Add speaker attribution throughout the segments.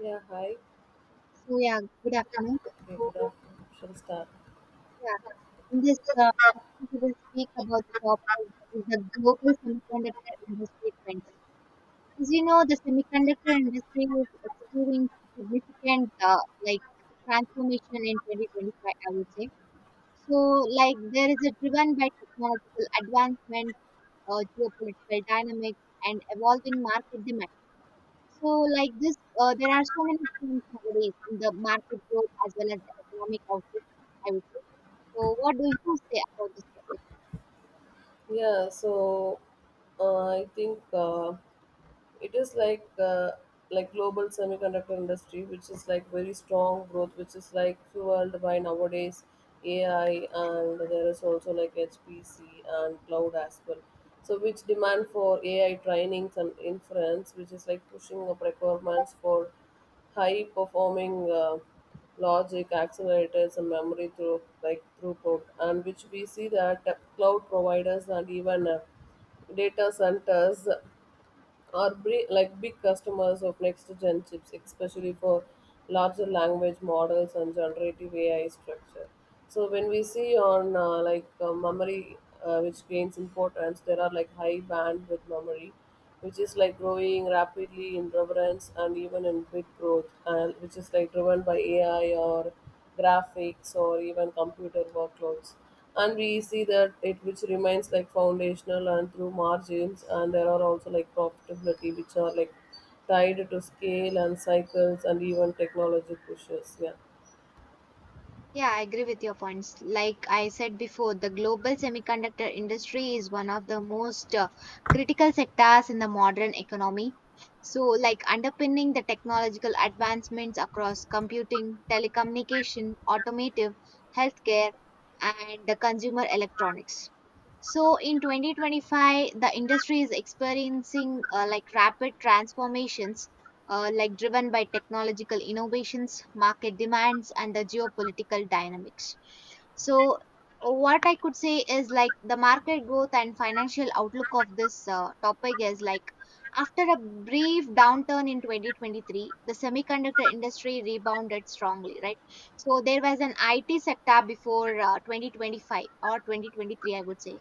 Speaker 1: Yeah, hi.
Speaker 2: So yeah, good afternoon.
Speaker 1: Okay, good
Speaker 2: So
Speaker 1: afternoon. Shall we start?
Speaker 2: yeah, in this session we will speak about the topic that is the global semiconductor industry trends. As you know, the semiconductor industry is experiencing significant like transformation in 2025, I would say. so. There is a driven by technological advancements, geopolitical dynamics, and evolving market demand. So like this, there are so many things nowadays in the market growth as well as the economic outlook, I would say. So, what do you say about this topic?
Speaker 1: Yeah, so I think it is like global semiconductor industry which is like very strong growth which is like fueled by nowadays AI and there is also like HPC and cloud as well so which demand for AI trainings and inference which is like pushing up requirements for high performing logic accelerators and memory through like throughput and which we see that cloud providers and even data centers are like big customers of next gen chips, especially for larger language models and generative AI structure. So when we see on like memory, which gains importance, there are like high bandwidth memory, which is like growing rapidly in relevance and even in bit growth, and which is like driven by AI or graphics or even computer workloads and we see that it which remains like foundational and through margins and there are also like profitability which are like tied to scale and cycles and even technology pushes, yeah.
Speaker 2: Yeah, I agree with your points. Like I said before, the global semiconductor industry is one of the most critical sectors in the modern economy. So, like underpinning the technological advancements across computing, telecommunication, automotive, healthcare, and the consumer electronics. So, in 2025, the industry is experiencing rapid transformations like driven by technological innovations, market demands, and the geopolitical dynamics. So, what I could say is like the market growth and financial outlook of this topic is like after a brief downturn in 2023, the semiconductor industry rebounded strongly, right? So, there was an IT sector before 2025 or 2023, I would say.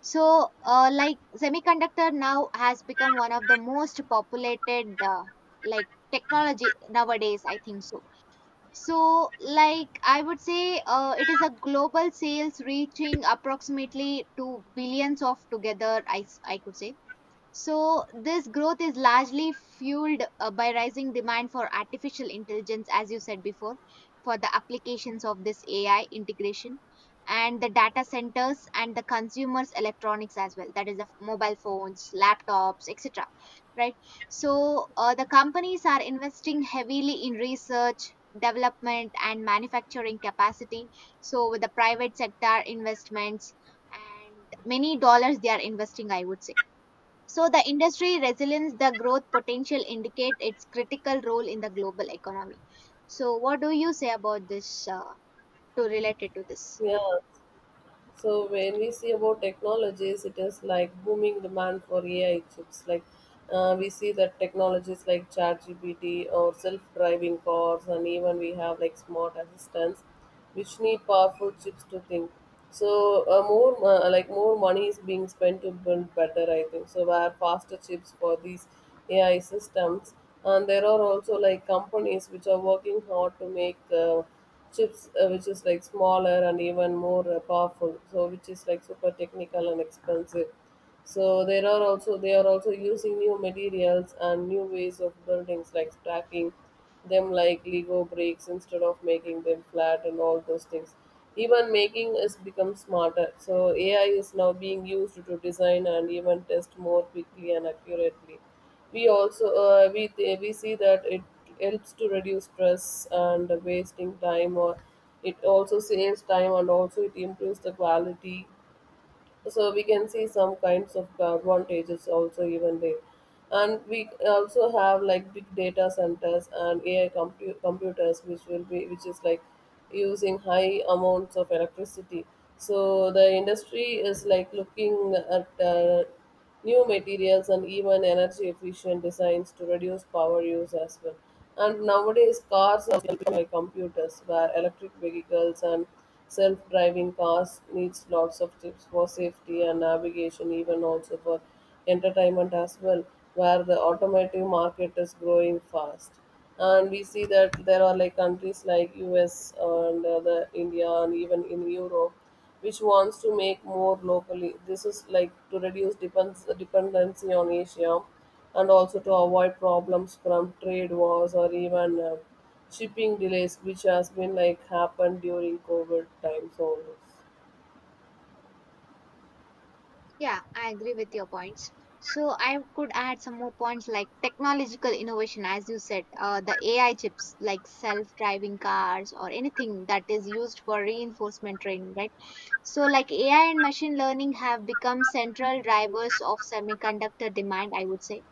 Speaker 2: So, like semiconductor now has become one of the most populated like technology nowadays, I think. So. So, like I would say, it is a global sales reaching approximately to billions of together. I could say. So, this growth is largely fueled by rising demand for artificial intelligence, as you said before, for the applications of this AI integration and the data centers and the consumers' electronics as well, that is, mobile phones, laptops, etc. Right? So, the companies are investing heavily in research, development, and manufacturing capacity. So, with the private sector investments and many dollars they are investing, I would say. So the industry resilience, the growth potential indicate its critical role in the global economy. So what do you say about this to relate it to this?
Speaker 1: Yeah, so when we see about technologies, it is like booming demand for AI chips. Like we see that technologies like ChatGPT or self-driving cars, and even we have like smart assistants, which need powerful chips to think. So more money is being spent to build better, I think. So where faster chips for these AI systems, and there are also like companies which are working hard to make. Chips which is like smaller and even more powerful so which is like super technical and expensive so there are also they are also using new materials and new ways of buildings like stacking them like Lego bricks instead of making them flat and all those things. Even making is become smarter. So AI is now being used to design and even test more quickly and accurately. We also we see that it helps to reduce stress and wasting time or it also saves time and also it improves the quality so we can see some kinds of advantages also even there and we also have like big data centers and AI computers which will be which is like using high amounts of electricity so the industry is like looking at new materials and even energy efficient designs to reduce power use as well. And nowadays, cars are built by computers, where electric vehicles and self-driving cars needs lots of chips for safety and navigation, even also for entertainment as well, where the automotive market is growing fast. And we see that there are like countries like US and the India and even in Europe which wants to make more locally. This is like to reduce dependency on Asia and also to avoid problems from trade wars or even shipping delays, which has been like happened during COVID times always.
Speaker 2: Yeah, I agree with your points. So I could add some more points like technological innovation, as you said, the AI chips like self-driving cars or anything that is used for reinforcement training, right? So like AI and machine learning have become central drivers of semiconductor demand, I would say.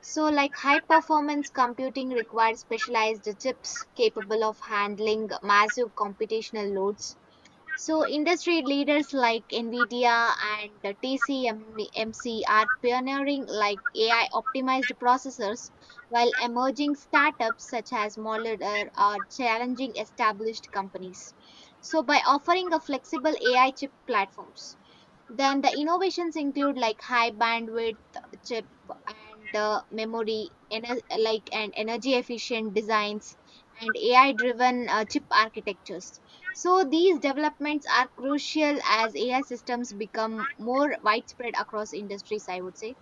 Speaker 2: So, like high performance computing requires specialized chips capable of handling massive computational loads. So, industry leaders like NVIDIA and the TCMC are pioneering like AI optimized processors, while emerging startups such as Modular are challenging established companies. So, by offering a flexible AI chip platforms. Then the innovations include like high bandwidth chip and memory, and energy efficient designs and AI driven chip architectures. So these developments are crucial as AI systems become more widespread across industries, I would say.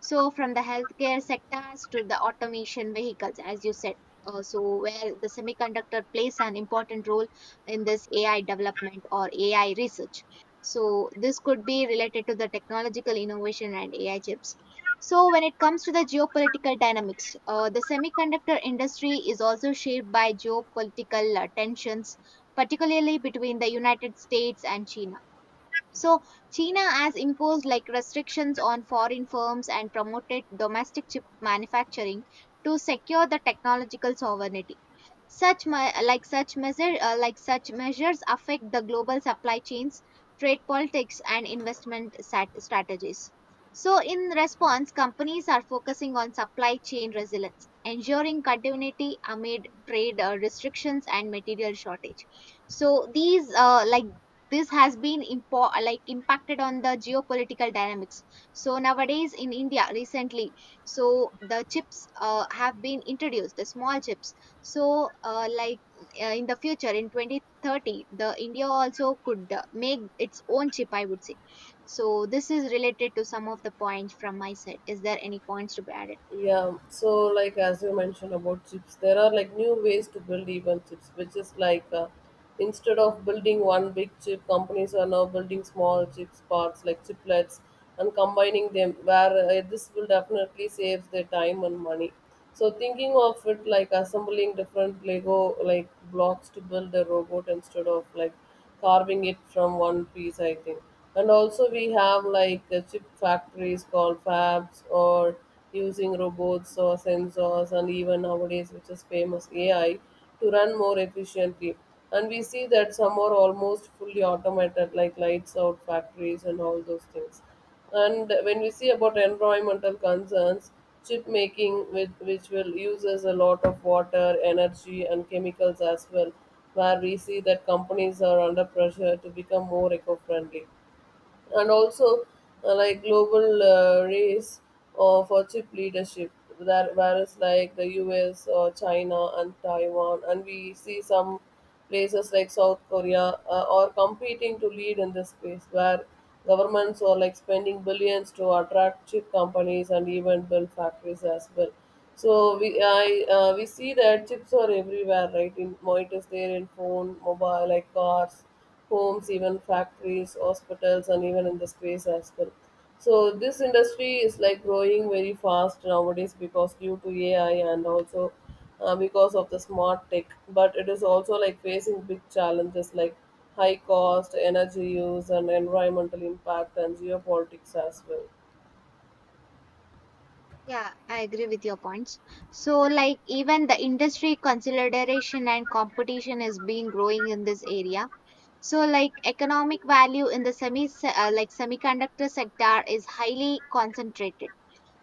Speaker 2: So from the healthcare sectors to the automation vehicles, as you said. So where the semiconductor plays an important role in this AI development or AI research. So this could be related to the technological innovation and AI chips. So when it comes to the geopolitical dynamics, the semiconductor industry is also shaped by geopolitical tensions, particularly between the United States and China. So China has imposed like restrictions on foreign firms and promoted domestic chip manufacturing to secure the technological sovereignty. Such me- like such measure like such measures affect the global supply chains, trade politics, and strategies. So, in response, companies are focusing on supply chain resilience, ensuring continuity amid trade restrictions and material shortage. So, these like This has been impo- like impacted on the geopolitical dynamics. So nowadays in India recently, so the chips have been introduced, the small chips. so uh, like in the future in 2030 the india also could make its own chip, I would say. So this is related to some of the points from my side. Is there any points to be added?
Speaker 1: Yeah, so like as you mentioned about chips, there are like new ways to build even chips, which is like instead of building one big chip, companies are now building small chips parts like chiplets and combining them. Where this will definitely saves their time and money. So thinking of it like assembling different Lego like blocks to build a robot instead of like carving it from one piece, I think. And also we have like chip factories called fabs or using robots or sensors and even nowadays which is famous AI to run more efficiently. And we see that some are almost fully automated like lights out factories and all those things. And when we see about environmental concerns, chip making, which will uses a lot of water, energy, and chemicals as well, where we see that companies are under pressure to become more eco-friendly and also like global race or for chip leadership that whereas like the US or China and Taiwan and we see some places like South Korea are competing to lead in this space where governments are like spending billions to attract chip companies and even build factories as well so we see that chips are everywhere right in it is there in phone mobile like cars homes, even factories, hospitals, and even in the space as well. So this industry is like growing very fast nowadays because due to AI and also because of the smart tech. But it is also like facing big challenges like high cost, energy use, and environmental impact and geopolitics as well.
Speaker 2: Yeah, I agree with your points. So, like, even the industry consideration and competition is being growing in this area. So, like, economic value in the semiconductor sector is highly concentrated.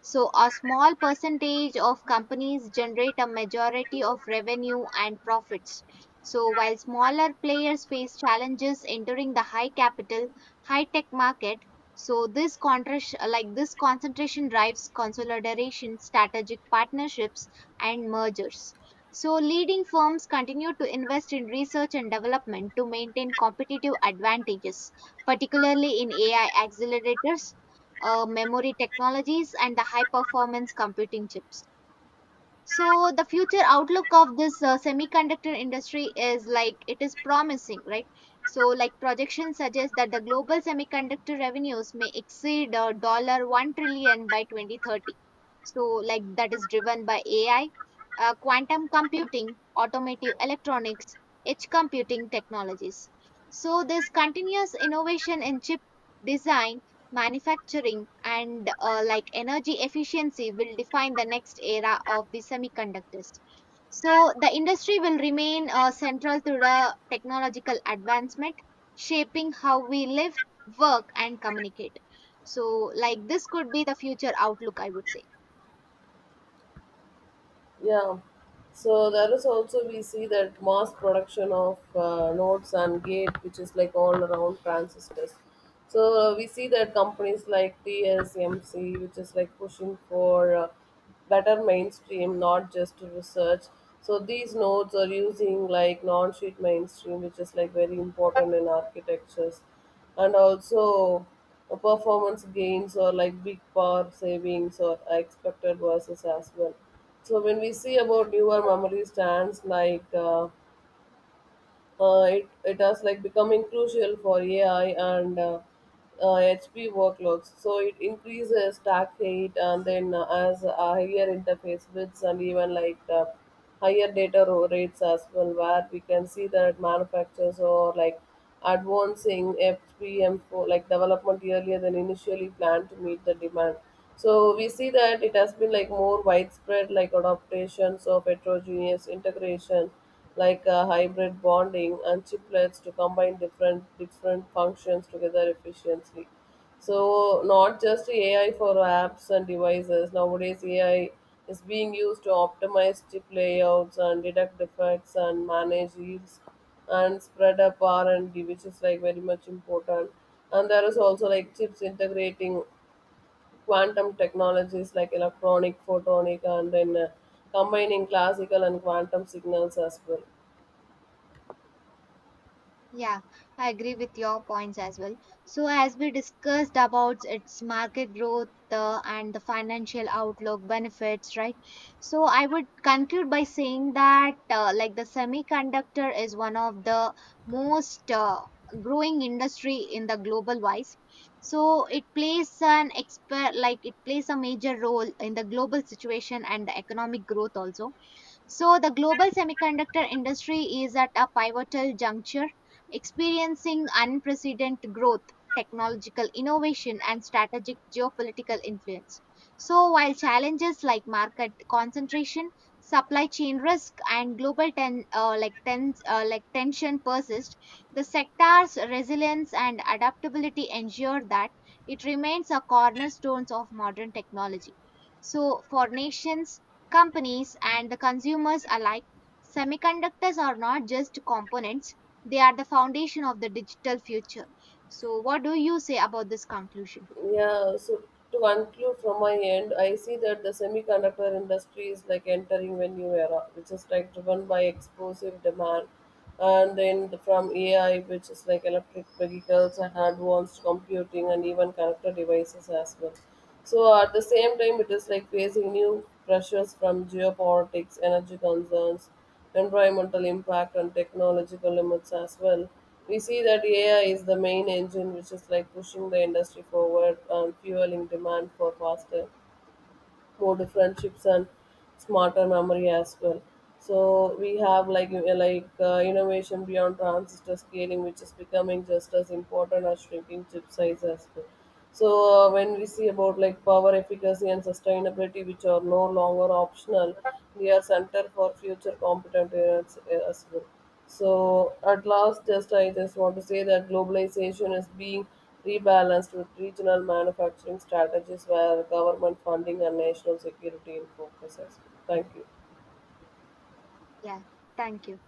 Speaker 2: So, a small percentage of companies generate a majority of revenue and profits. So, while smaller players face challenges entering the high capital, high tech market, so this contras- like this concentration drives consolidation, strategic partnerships, and mergers. So leading firms continue to invest in research and development to maintain competitive advantages, particularly in AI accelerators, memory technologies, and the high performance computing chips. So the future outlook of this semiconductor industry is like it is promising, right? So like projections suggest that the global semiconductor revenues may exceed $1 trillion by 2030. So like that is driven by AI, quantum computing, automotive electronics, edge computing technologies. So this continuous innovation in chip design manufacturing and energy efficiency will define the next era of the semiconductors. So the industry will remain central to the technological advancement, shaping how we live, work and communicate. So like this could be the future outlook, I would say.
Speaker 1: Yeah. So there is also we see that mass production of nodes and gate, which is like all around transistors. So we see that companies like TSMC, which is like pushing for better mainstream, not just research. So these nodes are using like non-sheet mainstream, which is like very important in architectures and also performance gains or like big power savings or expected versus as well. So when we see about newer memory stands like it has like becoming crucial for AI and HP workloads. So it increases stack height and then as a higher interface widths and even like higher data rates as well, where we can see that manufacturers are like advancing FPM for like development earlier than initially planned to meet the demand. So we see that it has been like more widespread like adaptations of heterogeneous integration like a hybrid bonding and chiplets to combine different functions together efficiently so not just AI for apps and devices nowadays AI is being used to optimize chip layouts and detect defects and manage yields and spread up R&D which is like very much important and there is also like chips integrating quantum technologies like electronic photonic and then combining classical and quantum signals as well.
Speaker 2: Yeah, I agree with your points as well. So, as we discussed about its market growth and the financial outlook benefits, right? So, I would conclude by saying that, the semiconductor is one of the most growing industry in the global wise. So, it plays an expert, like, it plays a major role in the global situation and the economic growth also. So, the global semiconductor industry is at a pivotal juncture, experiencing unprecedented growth, technological innovation, and strategic geopolitical influence. So, while challenges like market concentration, supply chain risk, and global tension persist, the sector's resilience and adaptability ensure that it remains a cornerstone of modern technology. So, for nations, companies and the consumers alike, semiconductors are not just components, they are the foundation of the digital future. So, what do you say about this conclusion?
Speaker 1: Yeah, so to conclude from my end, I see that the semiconductor industry is like entering a new era, which is like driven by explosive demand. And then from AI, which is like electric vehicles and advanced computing and even connected devices as well. So at the same time, it is like facing new pressures from geopolitics, energy concerns, environmental impact and technological limits as well. We see that AI is the main engine which is like pushing the industry forward and fueling demand for faster more different chips and smarter memory as well. So we have like innovation beyond transistor scaling, which is becoming just as important as shrinking chip size as well. So when we see about like power efficacy and sustainability, which are no longer optional, they are center for future competent units as well. So at last, just I just want to say that globalization is being rebalanced with regional manufacturing strategies where government funding and national security in focus as well. Thank you.
Speaker 2: Yeah, thank you.